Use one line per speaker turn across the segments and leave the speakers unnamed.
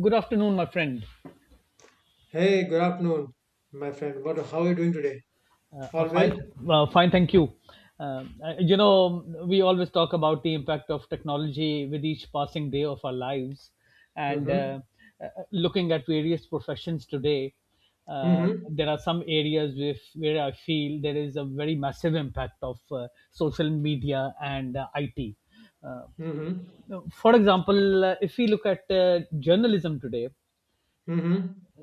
Good afternoon, my friend.
Hey, good afternoon, my friend. What? How are you doing today? All
Fine,
well?
fine, thank you. We always talk about the impact of technology with each passing day of our lives, and
Mm-hmm.
uh, uh, looking at various professions today,
Mm-hmm.
there are some areas where I feel there is a very massive impact of social media and IT. Uh,
Mm-hmm.
for example, if we look at journalism today,
Mm-hmm.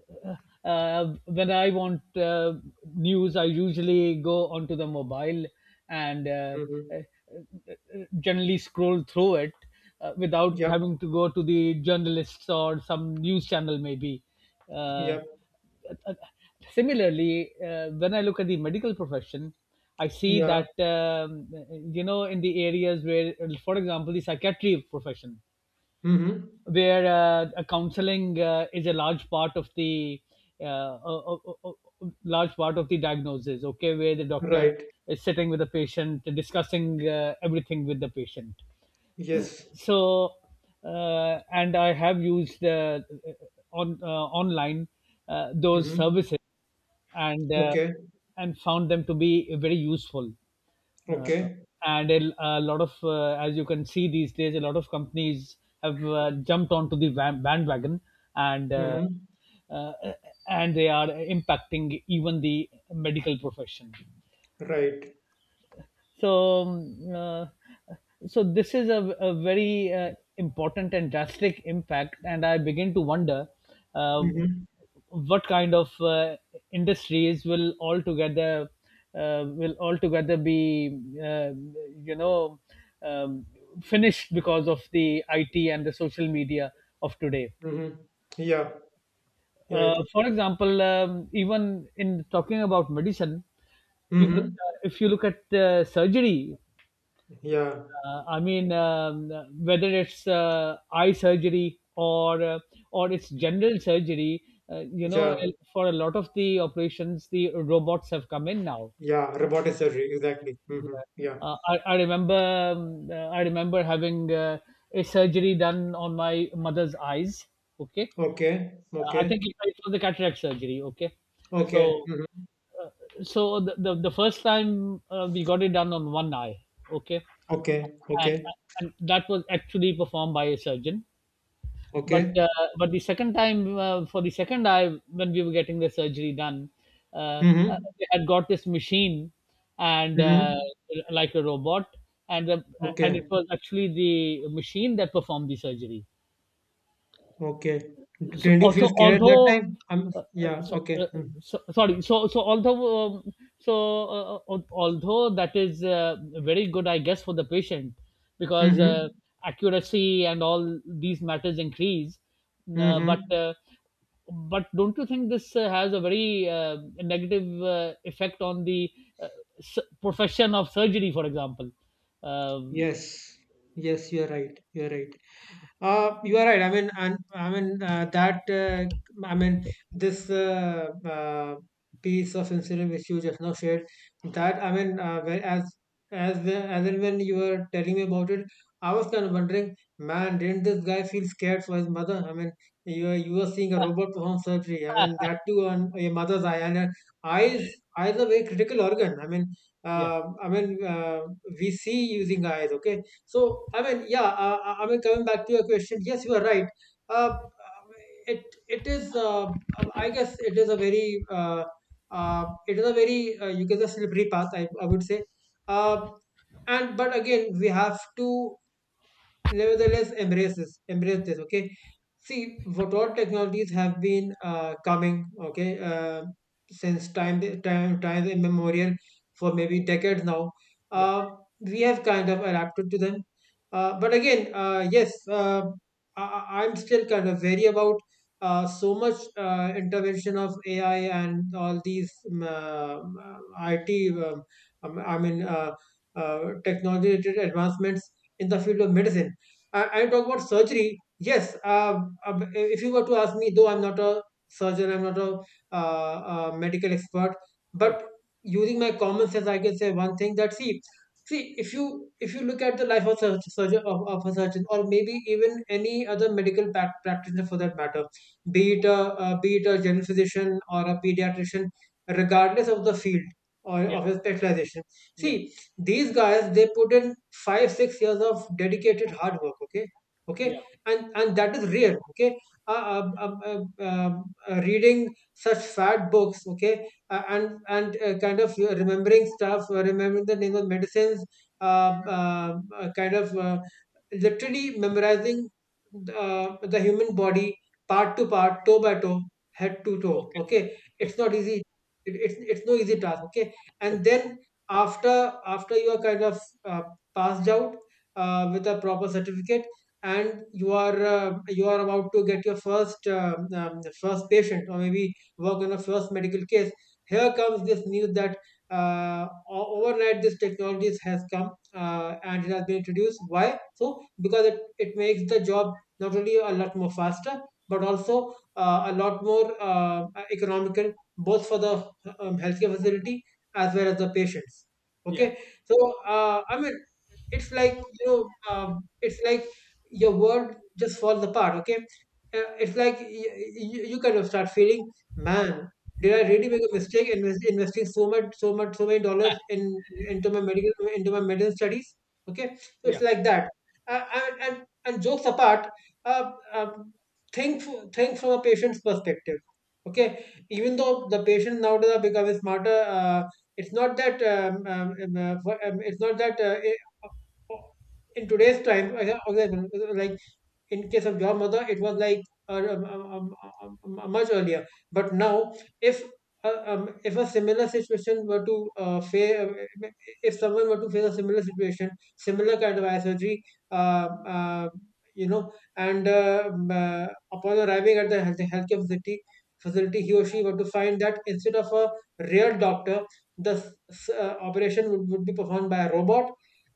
when I want news, I usually go onto the mobile and
Mm-hmm.
uh, generally scroll through it, without
Yep.
having to go to the journalists or some news channel, maybe. Uh,
Yep.
uh, similarly, when I look at the medical profession, I see
Yeah.
that, you know, in the areas where, for example, the psychiatry profession,
Mm-hmm.
where a counseling is a large part of the uh, large part of the diagnosis. Okay, where the doctor
Right.
is sitting with the patient, discussing everything with the patient.
Yes.
So and I have used, on online, those
Mm-hmm.
services, and
Okay.
and found them to be very useful, uh,
Okay.
and a lot of, as you can see these days, a lot of companies have jumped onto the bandwagon, and
Mm-hmm.
uh, and they are impacting even the medical profession.
Right.
So, um, uh, so this is a very important and drastic impact, and I begin to wonder uh,
Mm-hmm.
what kind of industries will altogether, will altogether be, you know um, finished because of the IT and the social media of today.
Mm-hmm. Yeah. Yeah.
For example, even in talking about medicine, even
Mm-hmm.
if you look at surgery,
Yeah.
Uh, I mean, um, whether it's eye surgery or it's general surgery, uh, you know, uh,
Yeah.
for a lot of the operations, the robots have come in now.
Yeah. Robotic surgery. Exactly. Mm-hmm.
Yeah.
Yeah.
I remember I remember having a surgery done on my mother's eyes. Okay,
Okay.
I think
Okay.
it, it was a cataract surgery. Okay,
Okay.
so
Mm-hmm.
the first time we got it done on one eye, okay,
Okay.
and,
Okay.
and that was actually performed by a surgeon, but
Okay.
uh, but the second time, for the second eye, when we were getting the surgery done,
Mm-hmm.
they had got this machine, and
Mm-hmm.
like a robot, and the, and it
Okay.
was actually the machine that performed the surgery.
Okay.
So
Didn't you feel
also,
scared that
although
time?
uh, uh,
Yeah,
so,
okay.
uh,
Mm-hmm.
so sorry, so although, so although that is very good, I guess, for the patient, because
Mm-hmm.
accuracy and all these matters increase, uh, but
Mm-hmm.
uh, but don't you think this has a very negative effect on the, uh, profession of surgery, for example? um,
Yes. Yes, you're right. You're right. You are right. I mean, and I mean that. I mean, this piece of incident which you just now shared. That I mean, as and when you were telling me about it, I was kind of wondering, man, didn't this guy feel scared for his mother? I mean, you were seeing a robot perform surgery. I mean, that too on your mother's eye, and her eyes eyes are very critical organ. I mean,
yeah.
uh, I mean, uh, we see using eyes. Okay, so, I mean, yeah, I mean, coming back to your question, yes, you are right. Uh, it it is, I guess, it is a very, you can say, slippery path. I would say, uh, and but again, we have to nevertheless, embrace this. Embrace this. Okay. See what all technologies have been coming. Okay, since time immemorial for maybe decades now.
Yeah.
Uh, we have kind of adapted to them. But again, yes, I'm still kind of wary about so much intervention of AI and all these IT. I mean, technology-related advancements in the field of medicine, and talk about surgery. Yes, if you were to ask me, though I'm not a surgeon, I'm not uh, a medical expert, but
Okay.
using my common sense, I can say one thing that see, if you look at the life of a surgeon of a surgeon or maybe even any other medical practitioner for that matter, be it a general physician or a pediatrician, regardless of the field or
Yeah,
of his specialization.
yeah,
See, these guys, they put in 5-6 years of dedicated hard work. Okay. okay
yeah.
and and that is rare. Okay. uh, um, um, um, um, Reading such fat books. Okay. And Kind of remembering stuff, remembering the name of medicines, kind of literally memorizing the human body, part to part, toe by toe, head to toe.
Okay.
Okay, it's
Okay.
not easy. It, it's it's no easy task. Okay, and
Okay.
then after you are kind of uh, passed out with a proper certificate, and you are about to get your first patient or maybe work on a first medical case. Here comes this news that overnight this technologies has come, and it has been introduced. Why? So because it makes the job not only a lot more faster but also a lot more economical, both for the healthcare facility as well as the patients.
Yeah,
Okay, so I mean, it's like it's like your world just falls apart. Okay. It's like you kind of start feeling, man, did I really make a mistake in investing so much, so many dollars in into my medicine studies. Okay, so it's
yeah,
like that. And jokes apart, uh, uh, think from a patient's perspective. Okay, even though the patients nowadays are becoming smarter, it's not that it's not that in today's time, yeah, okay, like in case of your mother it was like uh, um, um, um, um, much earlier, but now if if a similar situation were to face if someone were to face a similar situation, similar kind of eye surgery, uh, uh, you know and upon arriving at the healthcare facility, he or she were to find that instead of a real doctor the operation would be performed by a robot,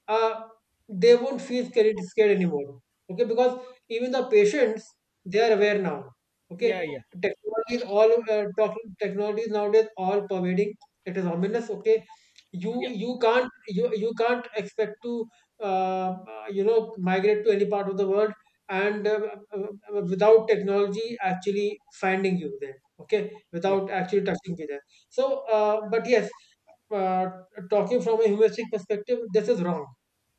uh, they won't feel scared anymore. Okay, because even the patients, they are aware now.
yeah,
Okay.
yeah,
Technology is all talk. Technology is nowadays all pervading. It is ominous. Okay. you
yeah,
you can't you you can't expect to migrate to any part of the world, and without technology actually finding you there. Okay,
yeah.
without actually touching you there. So but yes, uh, talking from a humanistic perspective, this is wrong.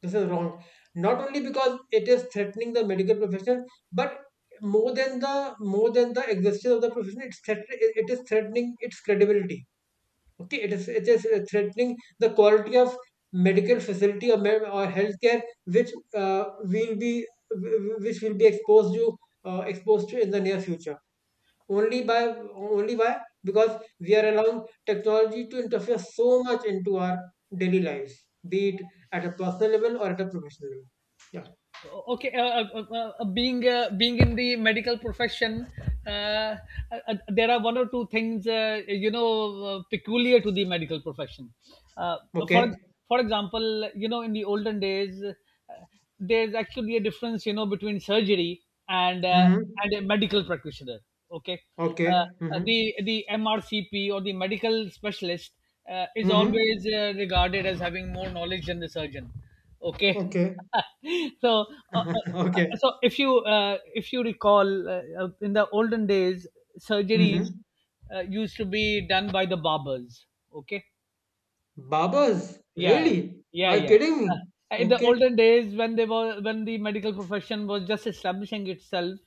This is wrong. Not only because it is threatening the medical profession, but more than the existence of the profession, it is threatening its credibility. Okay, it is threatening the quality of medical facility, or healthcare, which will be exposed to, in the near future, only by only by because we are allowing technology to interfere so much into our daily lives, be it at a personal level or at a professional level. Yeah.
Okay. Being, being in the medical profession, uh, uh, there are one or two things, you know, peculiar to the medical profession. uh, for ex-
Okay.
for example, you know, in the olden days, there's actually a difference, you know, between surgery and
Mhm.
and a medical practitioner. Okay. uh,
Okay.
uh,
Mhm.
the the MRCP, or the medical specialist, is
Mhm.
always regarded as having more knowledge than the surgeon. Okay.
Okay.
so uh, uh, uh,
Okay.
so if you, if you recall, in the olden days, surgeries
Mhm.
used to be done by the barbers. Okay.
Babas?
Yeah,
Really?
yeah,
Are you
yeah.
kidding me?
In the
Okay.
olden days, when they were, when the medical profession was just establishing itself,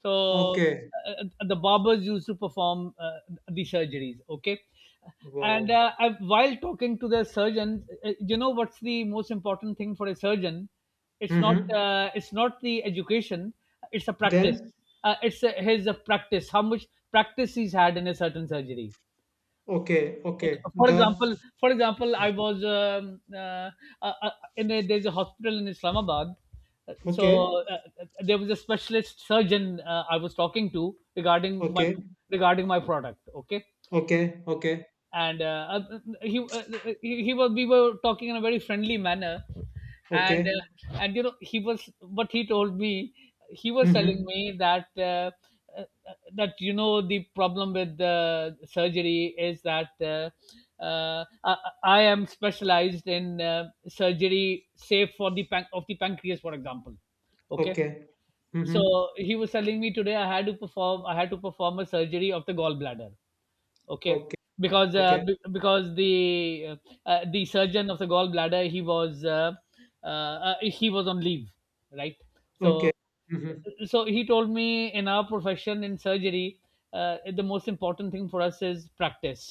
so
Okay.
the barbers used to perform the surgeries. Okay, and
Wow.
I, while talking to the surgeon, you know what's the most important thing for a surgeon? It's not,
Mhm.
it's not the education. It's a practice.
Then
It's his practice. How much practice he's had in a certain surgery.
okay.
Okay.
Okay. The
For example, I was uh, uh, in a, there's a hospital in Islamabad. So
okay.
there was a specialist surgeon I was talking to regarding my,
Okay.
regarding my product. Okay,
Okay. Okay.
and he he was, we were talking in a very friendly manner, and
Okay.
uh, and you know, he told me, he was telling
Mhm.
me that uh, that, you know, the problem with the surgery is that, uh, I, I am specialized in surgery save for the of the pancreas, for example. Okay.
Okay. Mhm.
So he was telling me, today I had to perform, I had to perform a surgery of the gallbladder. Okay,
Okay.
because,
Okay.
because the, the surgeon of the gallbladder, he was, he was on leave, right?
Okay.
So
Mhm.
so he told me, in our profession, in surgery, the most important thing for us is practice.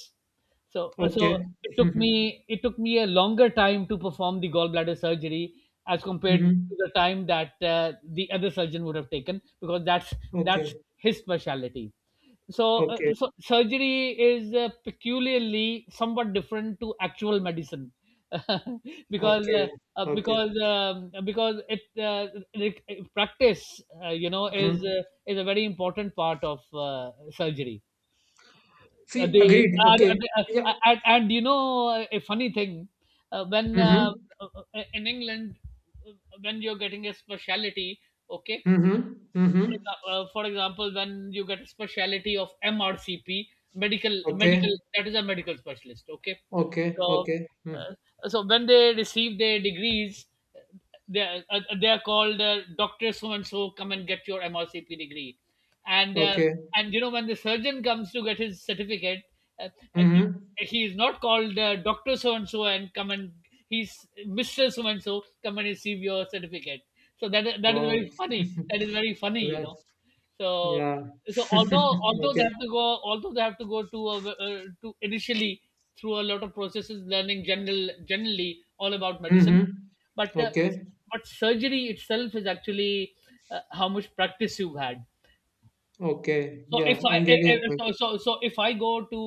So so
Okay.
it took me,
Mhm.
it took me a longer time to perform the gallbladder surgery as compared
Mhm.
to the time that the other surgeon would have taken, because that's
Okay.
his specialty. So,
Okay.
so surgery is peculiarly somewhat different to actual medicine because
Okay. Okay.
because, because it, it it- practice, you know,
Mhm.
is a very important part of surgery. uh,
See,
they,
agreed.
uh,
Okay. Yeah.
and you know, a funny thing, when
Mhm.
uh, in England, uh, when you're getting a specialty, okay,
Mhm. Mhm.
for example, when you get a specialty of MRCP, medical,
Okay.
medical, that is a medical specialist. Okay,
Okay.
so
Okay. Mm.
so when they receive their degrees, they are called, Doctor so and so come and get your MRCP degree, and
Okay.
and you know, when the surgeon comes to get his certificate, uh, uh,
Mhm.
he is not called, Doctor So and So and come and, he's Mister So and So come and receive your certificate. So that is, that is
Wow.
very funny. That is very funny, you know.
That's
So
yeah.
so although, although they
Okay.
have to go, although they have to go to a, to initially through a lot of processes, learning general, generally, all about medicine,
Mhm.
but uh,
Okay.
but surgery itself is actually, how much practice you've had.
Okay.
So
Yeah,
if I,
I'm getting a point.
so so if I go to,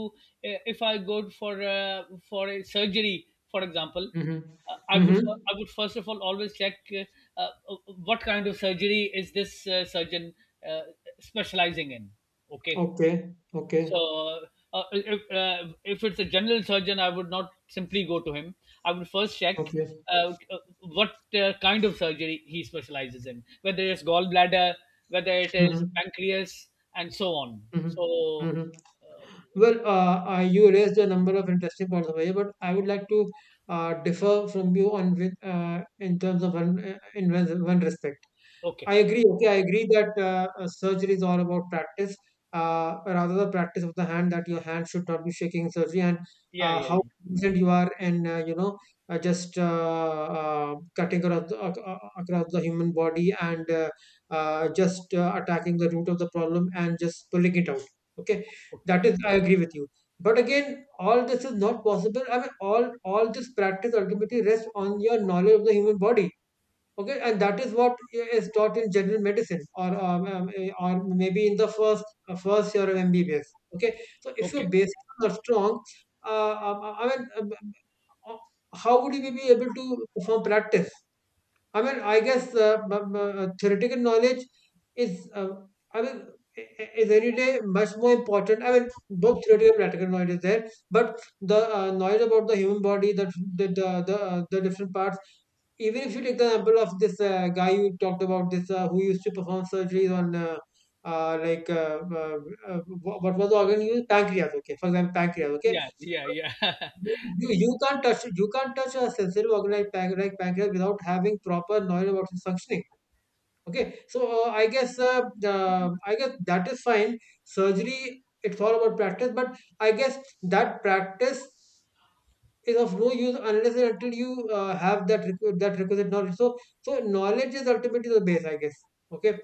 if I go for a surgery, for example,
Mhm.
I would
Mhm.
I would first of all always check, uh, what kind of surgery is this surgeon uh, specializing in. Okay.
Okay. Okay.
So, if it's a general surgeon, I would not simply go to him. I would first check
Okay.
what kind of surgery he specializes in, whether it's gallbladder, whether it is
Mhm.
pancreas, and so on.
Mhm.
So,
Mhm. Well, you raised a number of interesting points, Abhay, but I would like to differ from you on with, in terms of in one respect.
okay.
I agree. Okay, I agree that surgery is all about practice, rather the practice of the hand. That your hand should not be shaking in surgery, and
Yeah, yeah,
how
yeah.
confident you are, and you know, just cutting across the human body, and just attacking the root of the problem, and just pulling it out. Okay,
Okay.
that is. I agree with you. But again, all this is not possible. I mean, all this practice ultimately rests on your knowledge of the human body. Okay, and that is what is taught in general medicine, or maybe in the first year of MBBS. Okay, so if your
Okay.
basics are not strong, I mean, um, how would you be able to perform practice? I mean, I guess theoretical knowledge is, I mean, I- is every day much more important. I mean, both theoretical and practical knowledge is there, but the knowledge about the human body, the different parts. Even if you take the example of this guy you talked about, this who used to perform surgeries on. Uh, like uh, uh, what was the organ used? Pancreas, okay. For example, pancreas. Okay,
Yeah, yeah, yeah.
you can't touch a sensitive organ like pancreas without having proper knowledge about its functioning. Okay, so I guess that is fine. Surgery, it's all about practice, but I guess that practice is of no use unless and until you have that requisite knowledge. So knowledge is ultimately the base, I guess. Okay,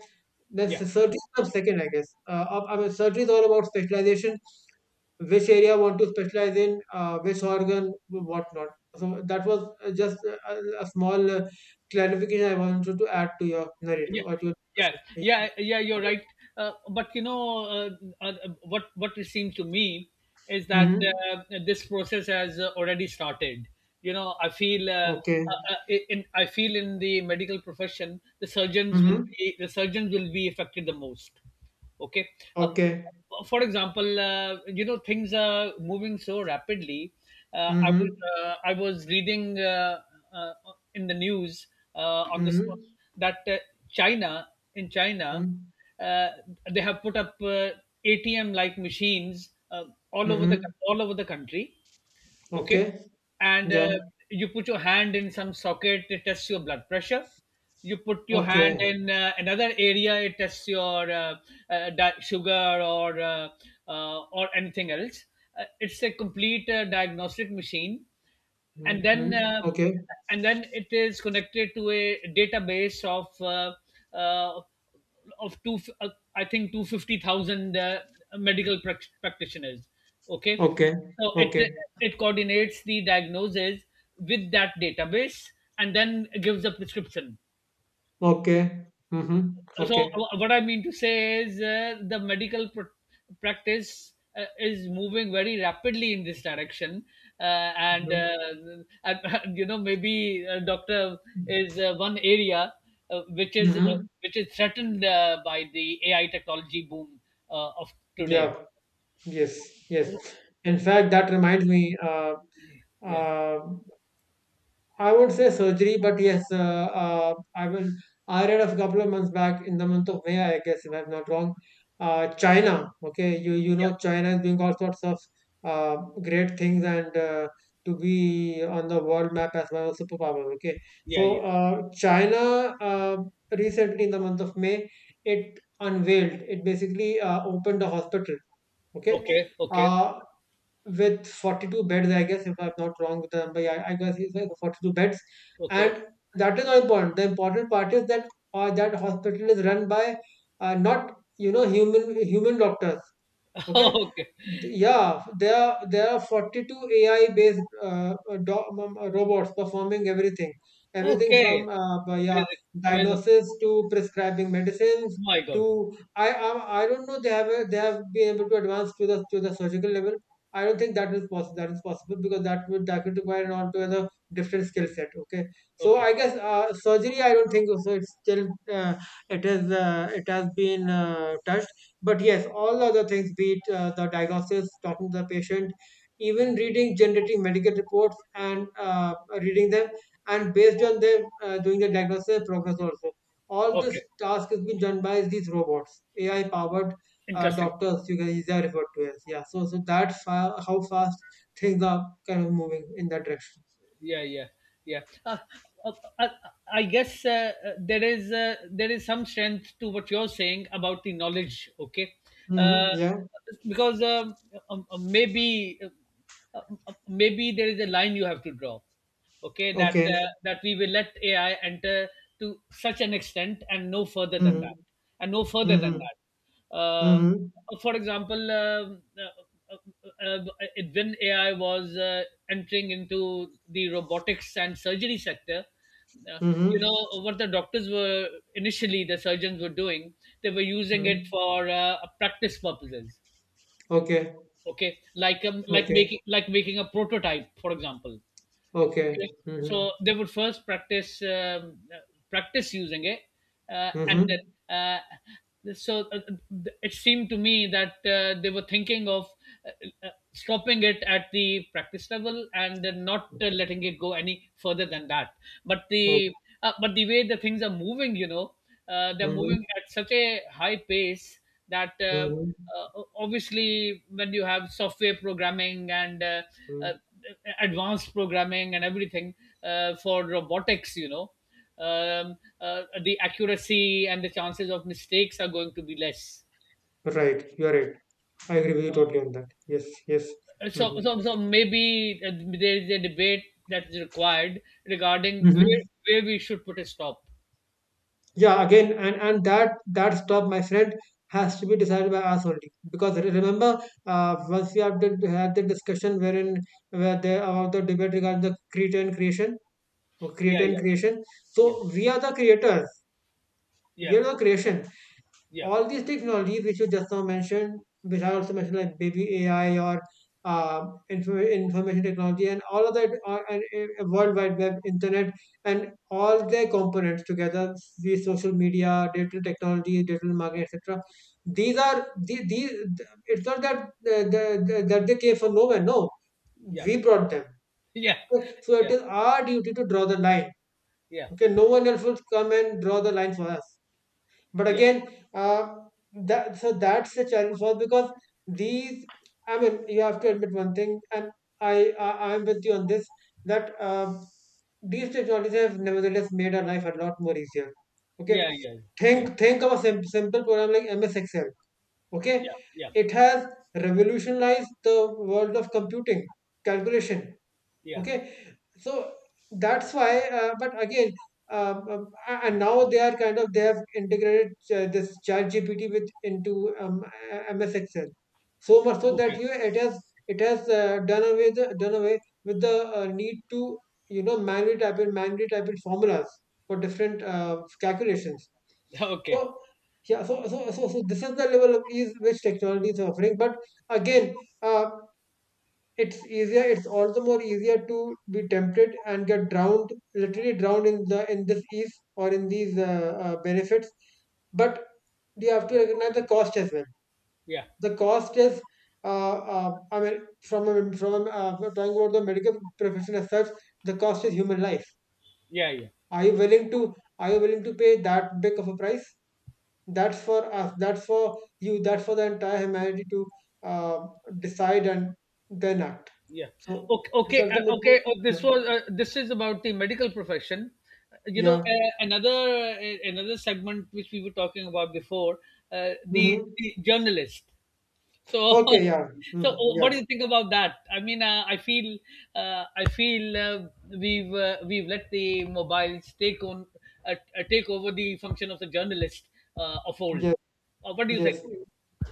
then
Yeah.
surgery comes second, I guess. I mean, surgery is all about specialization, which area want to specialize in, which organ, what not. So that was just a small clarification I wanted to add to your narrative
Yeah,
or to your
yeah,
question.
yeah, yeah. You're right. But you know, uh, what it seemed to me is that this process has already started. You know, I feel,
Mm-hmm. Okay.
in I feel in the medical profession, the surgeons will
Mm-hmm.
be, the surgeons will be affected the most. Okay. uh,
Okay.
for example uh, you know, things are moving so rapidly. I was,
Mm-hmm.
I was reading, uh, in the news, on this,
Mm-hmm.
that China, in China, uh, they have put up, atm like machines, all over the,
Mm-hmm.
all over the country. Okay.
Okay.
and
Yeah.
uh, you put your hand in some socket, it tests your blood pressure. You put your hand
Okay.
in another area, it tests your, sugar, or anything else. It's a complete diagnostic machine. and then
Mm-hmm.
uh,
Okay.
and then it is connected to a database of uh, two, I think 250,000 medical practitioners. Okay.
Okay.
So it
Okay.
it coordinates the diagnosis with that database, and then gives a prescription.
Okay. Mm-hmm.
So,
Okay.
what I mean to say is, the medical practice is moving very rapidly in this direction, uh, and,
Mm-hmm.
uh, and you know, maybe a doctor is one area uh, which is uh,
Mm-hmm.
which is threatened by the AI technology boom of today.
Yeah. Yes. Yes.
So,
In fact, that reminds me.
yeah,
Uh, I won't say surgery, but yes, I will. I read a couple of months back in the month of May, I guess, if I'm not wrong. China, okay, you
yeah,
know China is doing all sorts of uh, great things and to be on the world map as well as superpower. Okay,
yeah,
so
yeah.
China recently in the month of May, it basically opened a hospital. Okay,
Okay. Okay.
uh, with 42 beds, I guess, if I'm not wrong with the number. Yeah, I guess it's like 42 beds.
Okay.
And that is not important. The important part is that that hospital is run by not, you know, human doctors. Okay.
Okay.
Yeah, there are 42 AI-based robots performing everything, everything
Okay.
from yeah
Amazing. Amazing.
diagnosis to prescribing
Oh
medicines
my god.
to I don't know they they have been able to advance to the surgical level. I don't think that is possible. That is possible because that would require an altogether different skill set. Okay, so
Okay.
I guess surgery I don't think so. It's still it is it has been touched. But yes, all other things, be it the diagnosis, talking to the patient, even reading, generating medical reports and reading them, and based on them, doing the diagnosis and progress also. All this
Okay.
task has been done by these robots, AI powered
Interesting.
doctors, you guys are referred to as. Yeah, so that's how fast things are kind of moving in that direction.
Yeah, yeah, yeah. Uh, uh, I guess, there is, there is some strength to what you're saying about the knowledge. Okay.
Hmm.
uh,
Yeah,
because, maybe, uh, maybe there is a line you have to draw, okay, that
okay.
that we will let AI enter to such an extent and no further than
Hmm.
that, and no further than
Hmm.
that. uh,
Hmm.
for example, um, uh, uh, uh, uh, when AI was entering into The robotics and surgery sector. uh,
Hmm.
you know what the doctors were initially, the surgeons were doing. They were using it
Hmm.
for practice purposes.
Okay,
Okay, like
okay,
making a prototype, for example.
okay.
Okay.
Hmm.
So they would first practice using it, uh, and
Mm-hmm.
uh, so uh, it seemed to me that they were thinking of stopping it at the practice level and then not letting it go any further than that. But
Oh,
the but the way the things are moving, you know, they're moving
mm-hmm.
at such a high pace that.
Mm-hmm.
uh, Obviously, when you have software programming and uh,
Mm.
advanced programming and everything for robotics, you know, the accuracy and the chances of mistakes are going to be less.
Right, you are right. I agree with you
So
totally on that. Yes, yes.
so
Mm-hmm.
so, so maybe there is a debate that is required regarding where
Mm-hmm.
where we should put a stop.
Yeah, again, and and that stop, my friend, has to be decided by us only. Because remember, once had the discussion wherein where the about the debate regarding the creator and creation or
Yeah,
creator and
yeah,
creation.
yeah,
So we are the creators.
yeah,
We are the creation.
yeah,
All these technologies which you just now mentioned, which I also mentioned, like baby AI or information technology, and all of that, and World Wide Web, internet, and all their components together, these social media, digital technology, digital marketing, etc. These are these. It's not that that they came from nowhere. No,
yeah,
we brought them.
yeah,
Okay? So it is our duty to draw the line.
yeah,
Okay, no one else will come and draw the line for us but
yeah,
again uh, that so that's the challenge for us because these I mean you have to admit one thing and i I am with you on this that these technologies have nevertheless made our life a lot more easier. Okay,
yeah, yeah, yeah, yeah, yeah,
think of a simple program like MS Excel. Okay,
yeah, yeah,
it has revolutionized the world of computing, calculation.
yeah.
Okay, so that's why but again, and now they are kind of they have integrated this Chat GPT with into MS Excel, so much so
Okay.
that you it has done away with the need to, you know, manually type in formulas for different calculations.
Okay.
So yeah, so this is the level of ease which technology is offering, but again uh, it's easier, it's also more easier to be tempted and get drowned, literally drowned in the in this ease or in these benefits. But you have to recognize the cost as well.
Yeah.
The cost is I mean we're talking about the medical profession as such, the cost is human life.
Yeah. Yeah.
are you
Yeah.
willing to are you willing to pay that big of a price? That's for us, that's for you, that's for the entire humanity to uh, decide and then act.
Yeah.
So
Okay.
it's
Okay.
ultimately
Okay. This
yeah,
was. This is about the medical profession. You know,
yeah.
another segment which we were talking about before, uh, the,
Hmm.
the journalist. So,
Okay, yeah.
so
Hmm. Yeah,
what do you think about that? I mean, I feel uh, I feel uh, we've let the mobiles take over the function of the journalist of old.
yes,
What do you
yes.
think?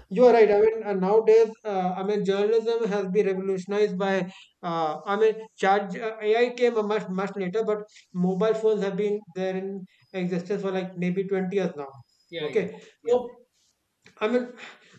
You are right. I mean, nowadays, I mean, journalism has been revolutionized by, I mean, charge AI came a much later, but mobile phones have been there in existence for like maybe 20 years now.
Yeah. Yeah.
Okay,
Yeah.
so I mean,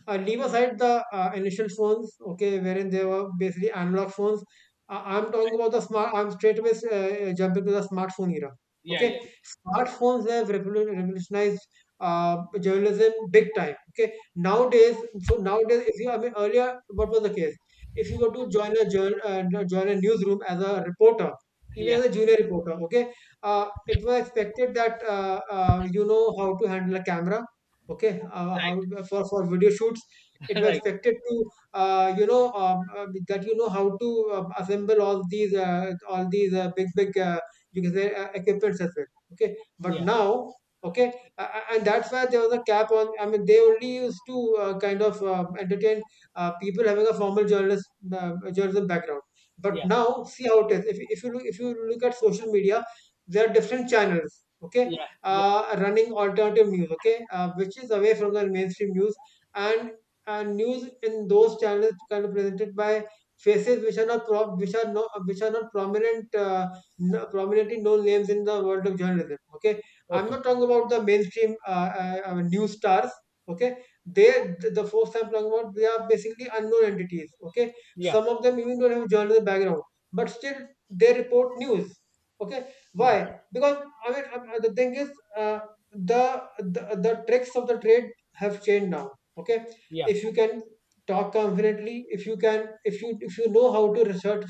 leave aside the initial phones, okay, wherein they were basically analog phones. I'm talking about the smart. I'm straight away jumping to the smartphone era.
Yeah. Yeah.
Okay, smartphones have revolutionized journalism big time. Okay, nowadays, so nowadays, if you, I mean, earlier, what was the case? If you were to join a journal, no, join a newsroom as a reporter, even
Yeah,
as a junior reporter, okay,
yeah,
it was expected that you know how to handle a camera, okay, how for video shoots.
right,
It was
right,
expected to you know that you know how to assemble all these big you can say equipments as well. Okay, but
yeah,
now, okay, and that's why there was a cap on, I mean they only used to kind of entertain people having a formal journalist journalism background. But
yeah,
now see how it is, if you look, if you look at social media, there are different channels, okay,
yeah, yeah,
running alternative news, okay, which is away from the mainstream news, and and news in those channels kind of presented by faces which are not which are not prominent prominently known names in the world of journalism. Okay, I'm
okay,
not talking about the mainstream news stars. Okay, they the folks I'm talking about, they are basically unknown entities. Okay,
yeah,
some of them even don't have journalism background, but still they report news. Okay,
right,
why? Because I mean the thing is uh, the tricks of the trade have changed now. Okay,
yeah,
if you can talk confidently, if you can, if you know how to research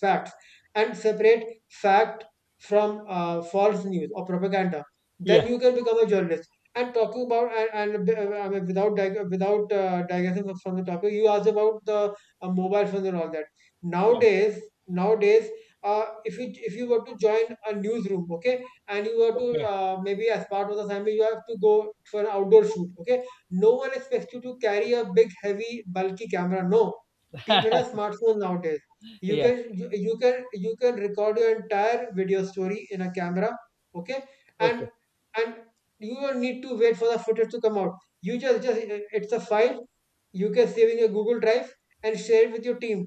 facts and separate fact from false news or propaganda,
yeah,
then you can become a journalist. And talking about and I mean without digressing from the topic, you asked about the mobile phones and all that.
yeah,
Nowadays, nowadays if you, were to join a newsroom, okay, and you were to
okay,
maybe as part of the assignment you have to go for an outdoor shoot, okay, no one expects you to carry a big heavy bulky camera. No, people have smartphones nowadays. You
yeah,
can you, you can record your entire video story in a camera, okay,
okay,
and and you don't need to wait for the footage to come out. You just it's a file, you can save in your Google Drive and share it with your team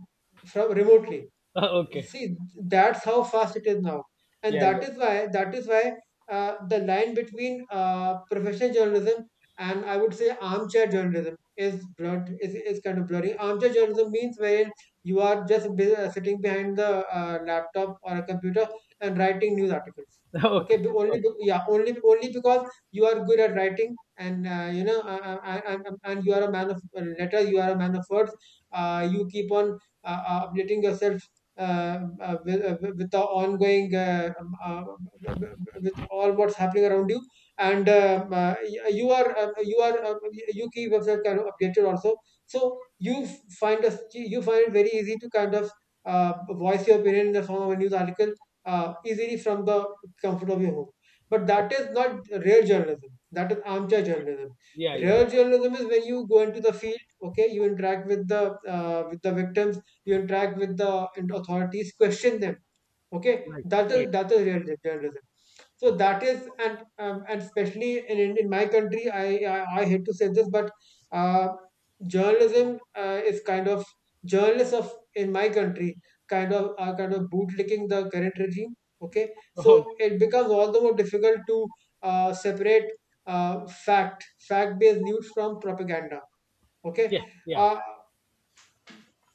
from remotely.
okay,
See, that's how fast it is now. And
yeah,
that
yeah,
is why, that is why the line between professional journalism and I would say armchair journalism is blurred, is kind of blurry. Armchair journalism means wherein you are sitting behind the laptop or a computer and writing news articles, okay,
okay,
be- only
okay,
be, yeah only only because you are good at writing and you know and you are a man of letters, you are a man of words. You keep on updating yourself with the ongoing with all what's happening around you. And you are you are you keep yourself kind of updated also, so you f- find us you find it very easy to kind of voice your opinion in the form of a news article easily from the comfort of your home. But that
okay,
is not real journalism, that is armchair journalism.
yeah, yeah, yeah,
Real journalism is when you go into the field, okay, you interact with the victims, you interact with the authorities, question them. Okay,
right,
that
right,
is, that is real journalism. So that is, and especially in my country, I hate to say this, but uh, journalism is kind of, journalists of in my country kind of are kind of bootlicking the current regime. Okay,
okay,
so it becomes all the more difficult to separate fact based news from propaganda.
yeah,
Okay,
yeah.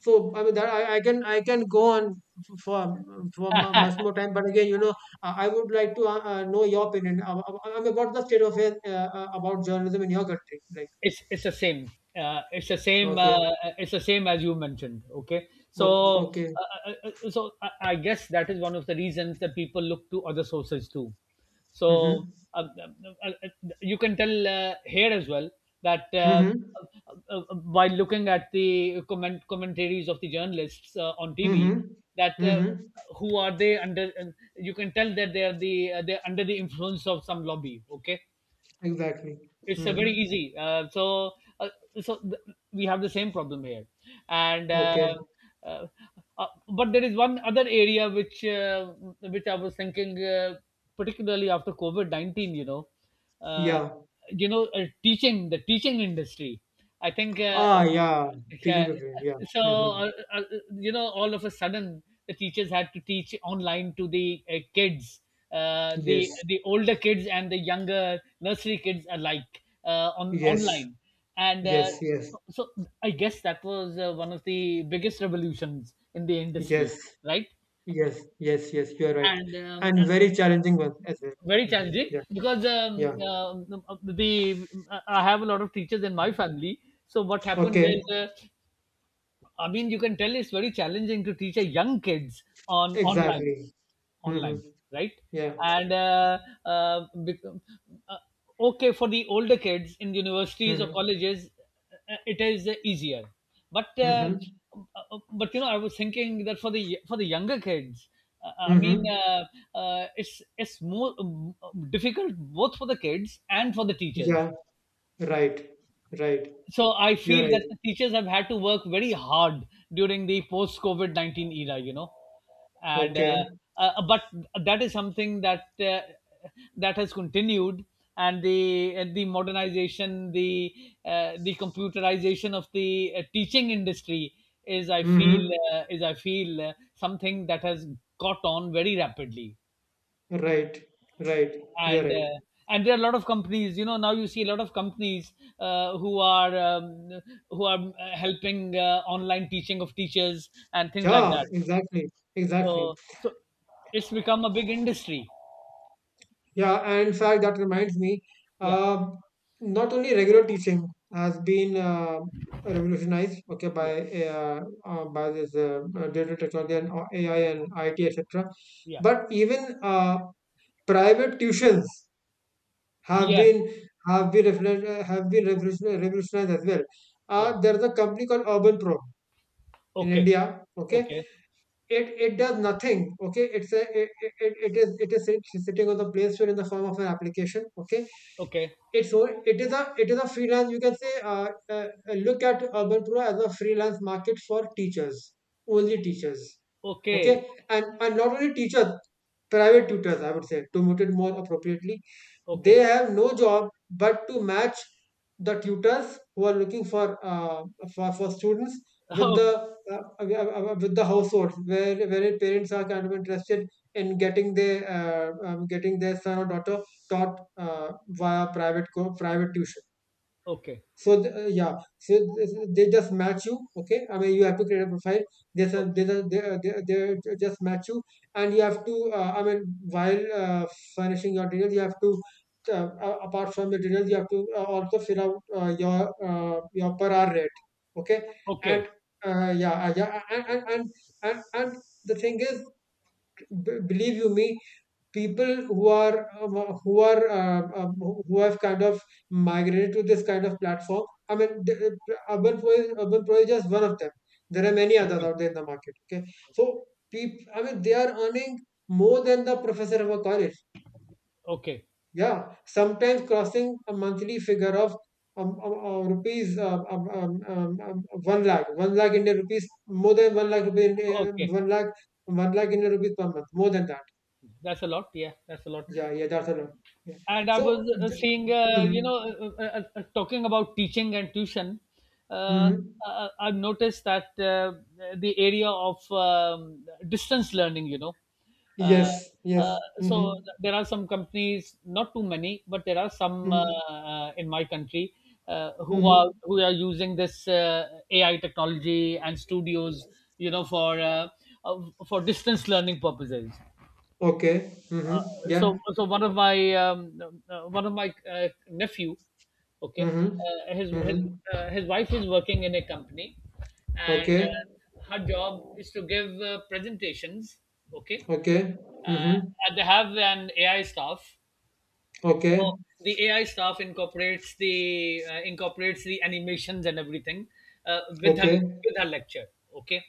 so I mean that I can, I can go on f- for for much more time, but again, you know, I would like to know your opinion about the state of affairs about journalism in your country. Like,
It's the same.
okay,
It's the same as you mentioned, okay, so
okay,
I guess that is one of the reasons that people look to other sources too. So
mm-hmm,
um, um, uh, uh, you can tell here as well that
mm-hmm,
uh, uh, while looking at the commentaries of the journalists on TV,
mm-hmm,
that
mm-hmm,
who are they under? You can tell that they are the they're under the influence of some lobby, okay.
exactly,
It's very
mm-hmm,
easy. Uh, so th- we have the same problem here, and
okay,
uh, but there is one other area which I was thinking, particularly after COVID 19. Uh,
yeah,
you know, teaching the teaching industry. I think
ah, yeah, teaching
yeah.
prepared, yeah,
So
mm-hmm,
you know, all of a sudden, the teachers had to teach online to the kids, uh, the
yes,
the older kids and the younger nursery kids alike on
yes,
online. And
yes, yes,
so, so I guess that was one of the biggest revolutions in the industry,
yes,
right?
yes, yes, yes, you are right,
And
and very challenging one as well.
very
Mm-hmm.
challenging,
Yeah.
because
Yeah.
the I have a lot of teachers in my family, so what happened is
Okay.
I mean, you can tell it's very challenging to teach a young kids on online,
Exactly. Mm-hmm.
online, right?
Yeah.
And uh, bec- uh, okay, for the older kids in universities or
Mm-hmm.
colleges, it is easier, but uh,
Mm-hmm.
uh, but you know, I was thinking that for the younger kids, uh, i mean
Mm-hmm.
uh, it's more difficult, both for the kids and for the teachers.
Yeah. Right. Right.
So I
You're
feel that
right.
the teachers have had to work very hard during the post COVID 19 era, you know. And
Okay.
but that is something that that has continued, and the modernization, the computerization of the teaching industry is, I feel,
Mm-hmm.
something that has got on very rapidly.
Right. Right. You're
And
right.
and there are a lot of companies, you know, now you see a lot of companies uh, who are um, who are helping online teaching of teachers and things like
Yeah.
that.
Exactly. Exactly.
So so it's become a big industry.
Yeah. And in fact, that reminds me.
Yeah,
Uh, Not only regular teaching has been revolutionized. Okay,
yeah,
by this digital technology and AI and IT, etc.
yeah,
But even private tuitions have
yeah,
been have been reflect, have been revolutionized, revolutionized as well.
yeah,
There's a company called Urban Pro in
okay,
India. Okay,
okay,
it does nothing. Okay, it's a it, it, it it is sitting on the Play Store in the form of an application. Okay,
okay,
it is a freelance. You can say look at Urban Pro as a freelance market for teachers, only teachers. Okay,
okay,
and not only teachers, private tutors. I would say, to put it more appropriately, they
okay,
have no job but to match the tutors who are looking for students with the
okay,
households where parents are kind of interested in getting their son or daughter taught via private private tuition.
okay,
Yeah, they just match you. Okay, I mean you have to create a profile. They just match you, and you have to. I mean while furnishing your details, you have to. Apart from the details, you have to also fill out your per hour rate. Okay, and
okay,
uh, yeah, uh, yeah, and and and and the thing is, believe you me, people who have kind of migrated to this kind of platform. I mean, Urban Pro is just one of them. There are many others
okay,
out there in the market. Okay, so people, I mean, they are earning more than the professor of a college.
okay, okay,
Yeah, sometimes crossing a monthly figure of rupees one lakh, Indian rupees, more than one lakh rupees,
okay.
one lakh Indian rupees per month, more than that.
That's a lot, yeah, that's a lot.
Yeah, yeah, that's a lot. Yeah.
And I was
So,
seeing, you
mhm,
know, talking about teaching and tuition. Uh,
mhm.
I've noticed that the area of distance learning, you know, uh,
Yes, yes.
uh,
Mm-hmm,
so there are some companies, not too many, but there are some
mm-hmm,
in my country uh, who are
mm-hmm.
who are using this AI technology and studios, you know, uh, for distance learning purposes.
Okay. Mm-hmm. Yeah.
So so one of my nephew, okay,
Mm-hmm, mm-hmm.
his wife is working in a company, and
Okay.
her job is to give presentations, okay,
Okay.
uh,
Mm-hmm.
and they have an AI staff. So
Okay.
the AI staff incorporates the animations and everything uh, with her
Okay.
with her lecture, okay.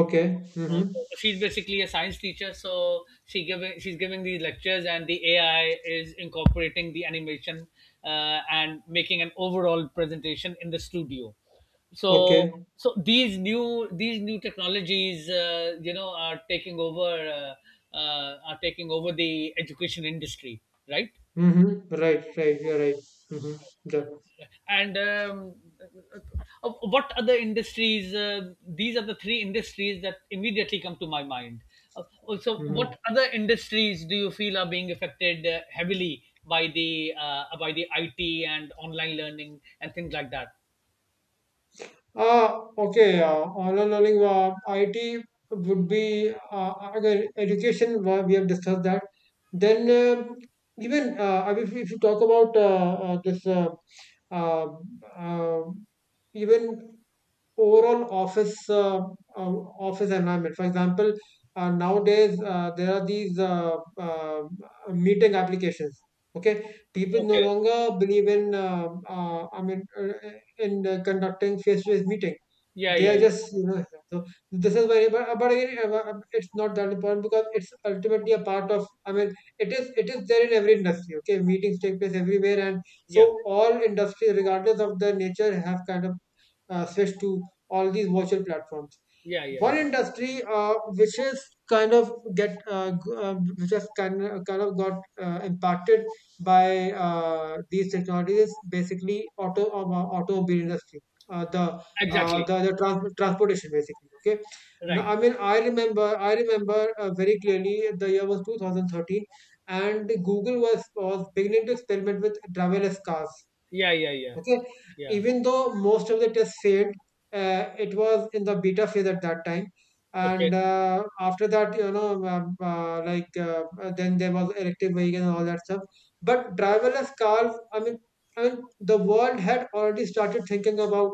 Okay. Mm-hmm.
So she's basically a science teacher, so she's giving these lectures, and the AI is incorporating the animation and making an overall presentation in the studio. So
Okay.
so these new technologies, you know, are taking over the education industry, right?
Mm-hmm. Right, right. You're right. Mm-hmm. Yeah.
And uh, what other industries these are the three industries that immediately come to my mind. uh, so
Mm-hmm.
what other industries do you feel are being affected heavily by the IT and online learning and things like that?
Okay, online learning, IT would be again education. We have discussed that. Then even I mean, if you talk about this, uh, uh, even overall office uh, office environment. For example, nowadays there are these meeting applications. Okay, people no
Okay,
longer believe in. I mean, in conducting face-to-face meetings.
yeah,
They are
yeah,
just, so this is very. But again, it's not that important, because it's ultimately a part of, I mean, it is there in every industry. Okay, meetings take place everywhere, and so
yeah,
all industries regardless of their nature have kind of switched to all these virtual platforms.
yeah, yeah, yeah,
One
yeah.
industry which has kind of, got impacted by these technologies is basically automobile industry. uh, the
Exactly,
Transportation, basically. Okay, now,
right,
I mean, I remember very clearly, the year was 2013, and Google was beginning to experiment with driverless cars.
yeah, yeah, yeah,
Okay,
yeah,
even though most of the tests failed, it was in the beta phase at that time,
okay.
and after that, then there was electric vehicle and all that stuff. But
Yeah.
driverless cars, I mean, the world had already started thinking about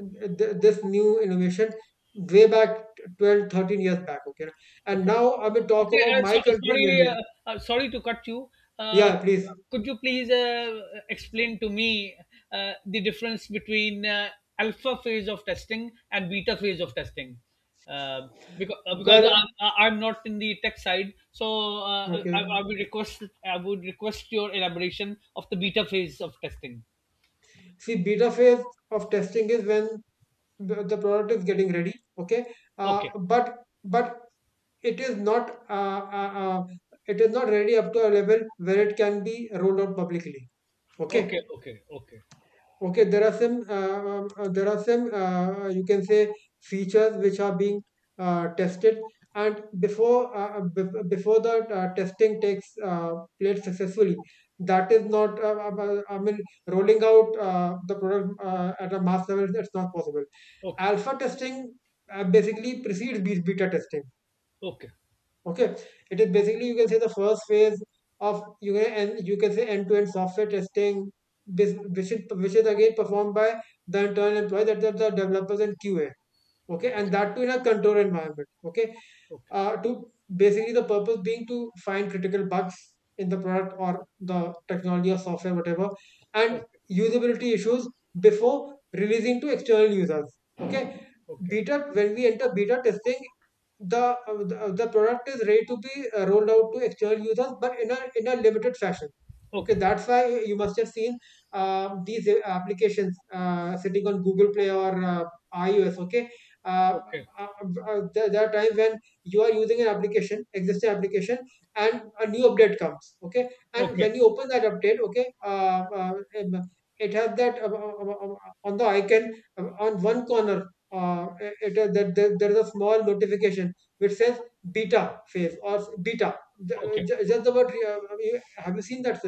this new innovation way back 12, 13 years back. Okay, and
Okay.
now I will talk
Okay,
about my
so,
country, in
sorry,
India.
sorry to cut you. Uh,
Yeah, please.
could you please explain to me the difference between alpha phase of testing and beta phase of testing? Uh, because
Well,
I'm not in the tech side, so
okay.
I would request your elaboration of the beta phase of testing.
See, beta phase of testing is when the product is getting ready, okay,
Okay,
but it is not uh, uh, uh, it is not ready up to a level where it can be rolled out publicly.
okay,
Okay,
okay, okay,
okay, there are some you can say features which are being tested, and before the testing takes place successfully, that is not I mean rolling out the product at a mass level, it's not possible.
okay,
Alpha testing basically precedes beta testing.
okay, okay,
Okay, it is basically, you can say, the first phase of, you can, and you can say, end-to-end software testing, which is, again performed by the internal employee, that are the developers and QA. Okay, and that too in a control environment. Okay, to basically the purpose being to find critical bugs in the product, or the technology or software, whatever, and
okay,
usability issues before releasing to external users. Okay,
okay, okay,
beta, when we enter beta testing, the the product is ready to be rolled out to external users, but in a limited fashion. Okay,
okay,
that's why you must have seen these applications sitting on Google Play, or iOS. Okay, uh,
okay,
there are times when you are using an application existing application, and a new update comes. Okay, and
okay.
when you open that update, okay, um, it has that on the icon, on one corner, there is a small notification which says beta phase, or beta.
Okay.
Just the word, have you seen that?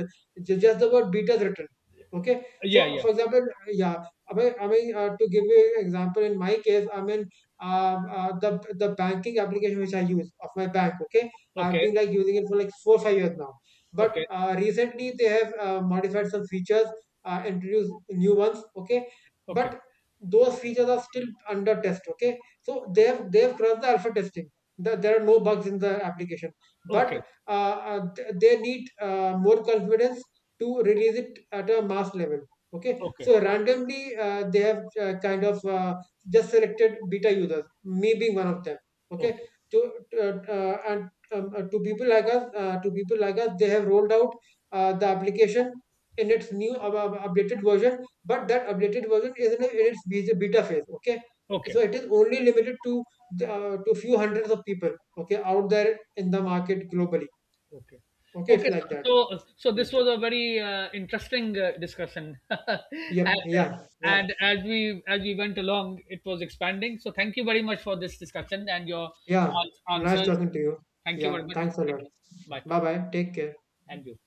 Just the word beta is written. Okay.
Yeah,
So,
yeah.
for example, yeah, I mean to give you an example, in my case, I mean, um, uh, the the banking application which I use of my bank, okay, I've
Okay.
been like using it for like 4 or 5 years now. But
Okay.
recently they have modified some features, introduced new ones, okay.
Okay.
But those features are still under test, okay. So they
Okay.
have they have crossed the alpha testing. There are no bugs in the application,
Okay.
but they need more confidence to release it at a mass level. Okay,
Okay.
so randomly they have kind of just selected beta users, me being one of them. Okay,
Okay.
to and to people like us they have rolled out the application in its new, updated version, but that updated version is in its beta phase. Okay, so
Okay.
it is only limited to few hundreds of people, okay, out there in the market globally.
Okay.
Okay, it's
Okay.
like
So,
that.
so so
Yeah.
this was a very interesting discussion,
Yep.
and,
Yeah. Yeah.
and as we went along, it was expanding. So, thank you very much for this discussion and your
Yeah. Nice
answers.
talking to you.
Thank you
Yeah,
very much.
thanks a lot.
Thank you. Bye.
Bye bye, take care.
And you.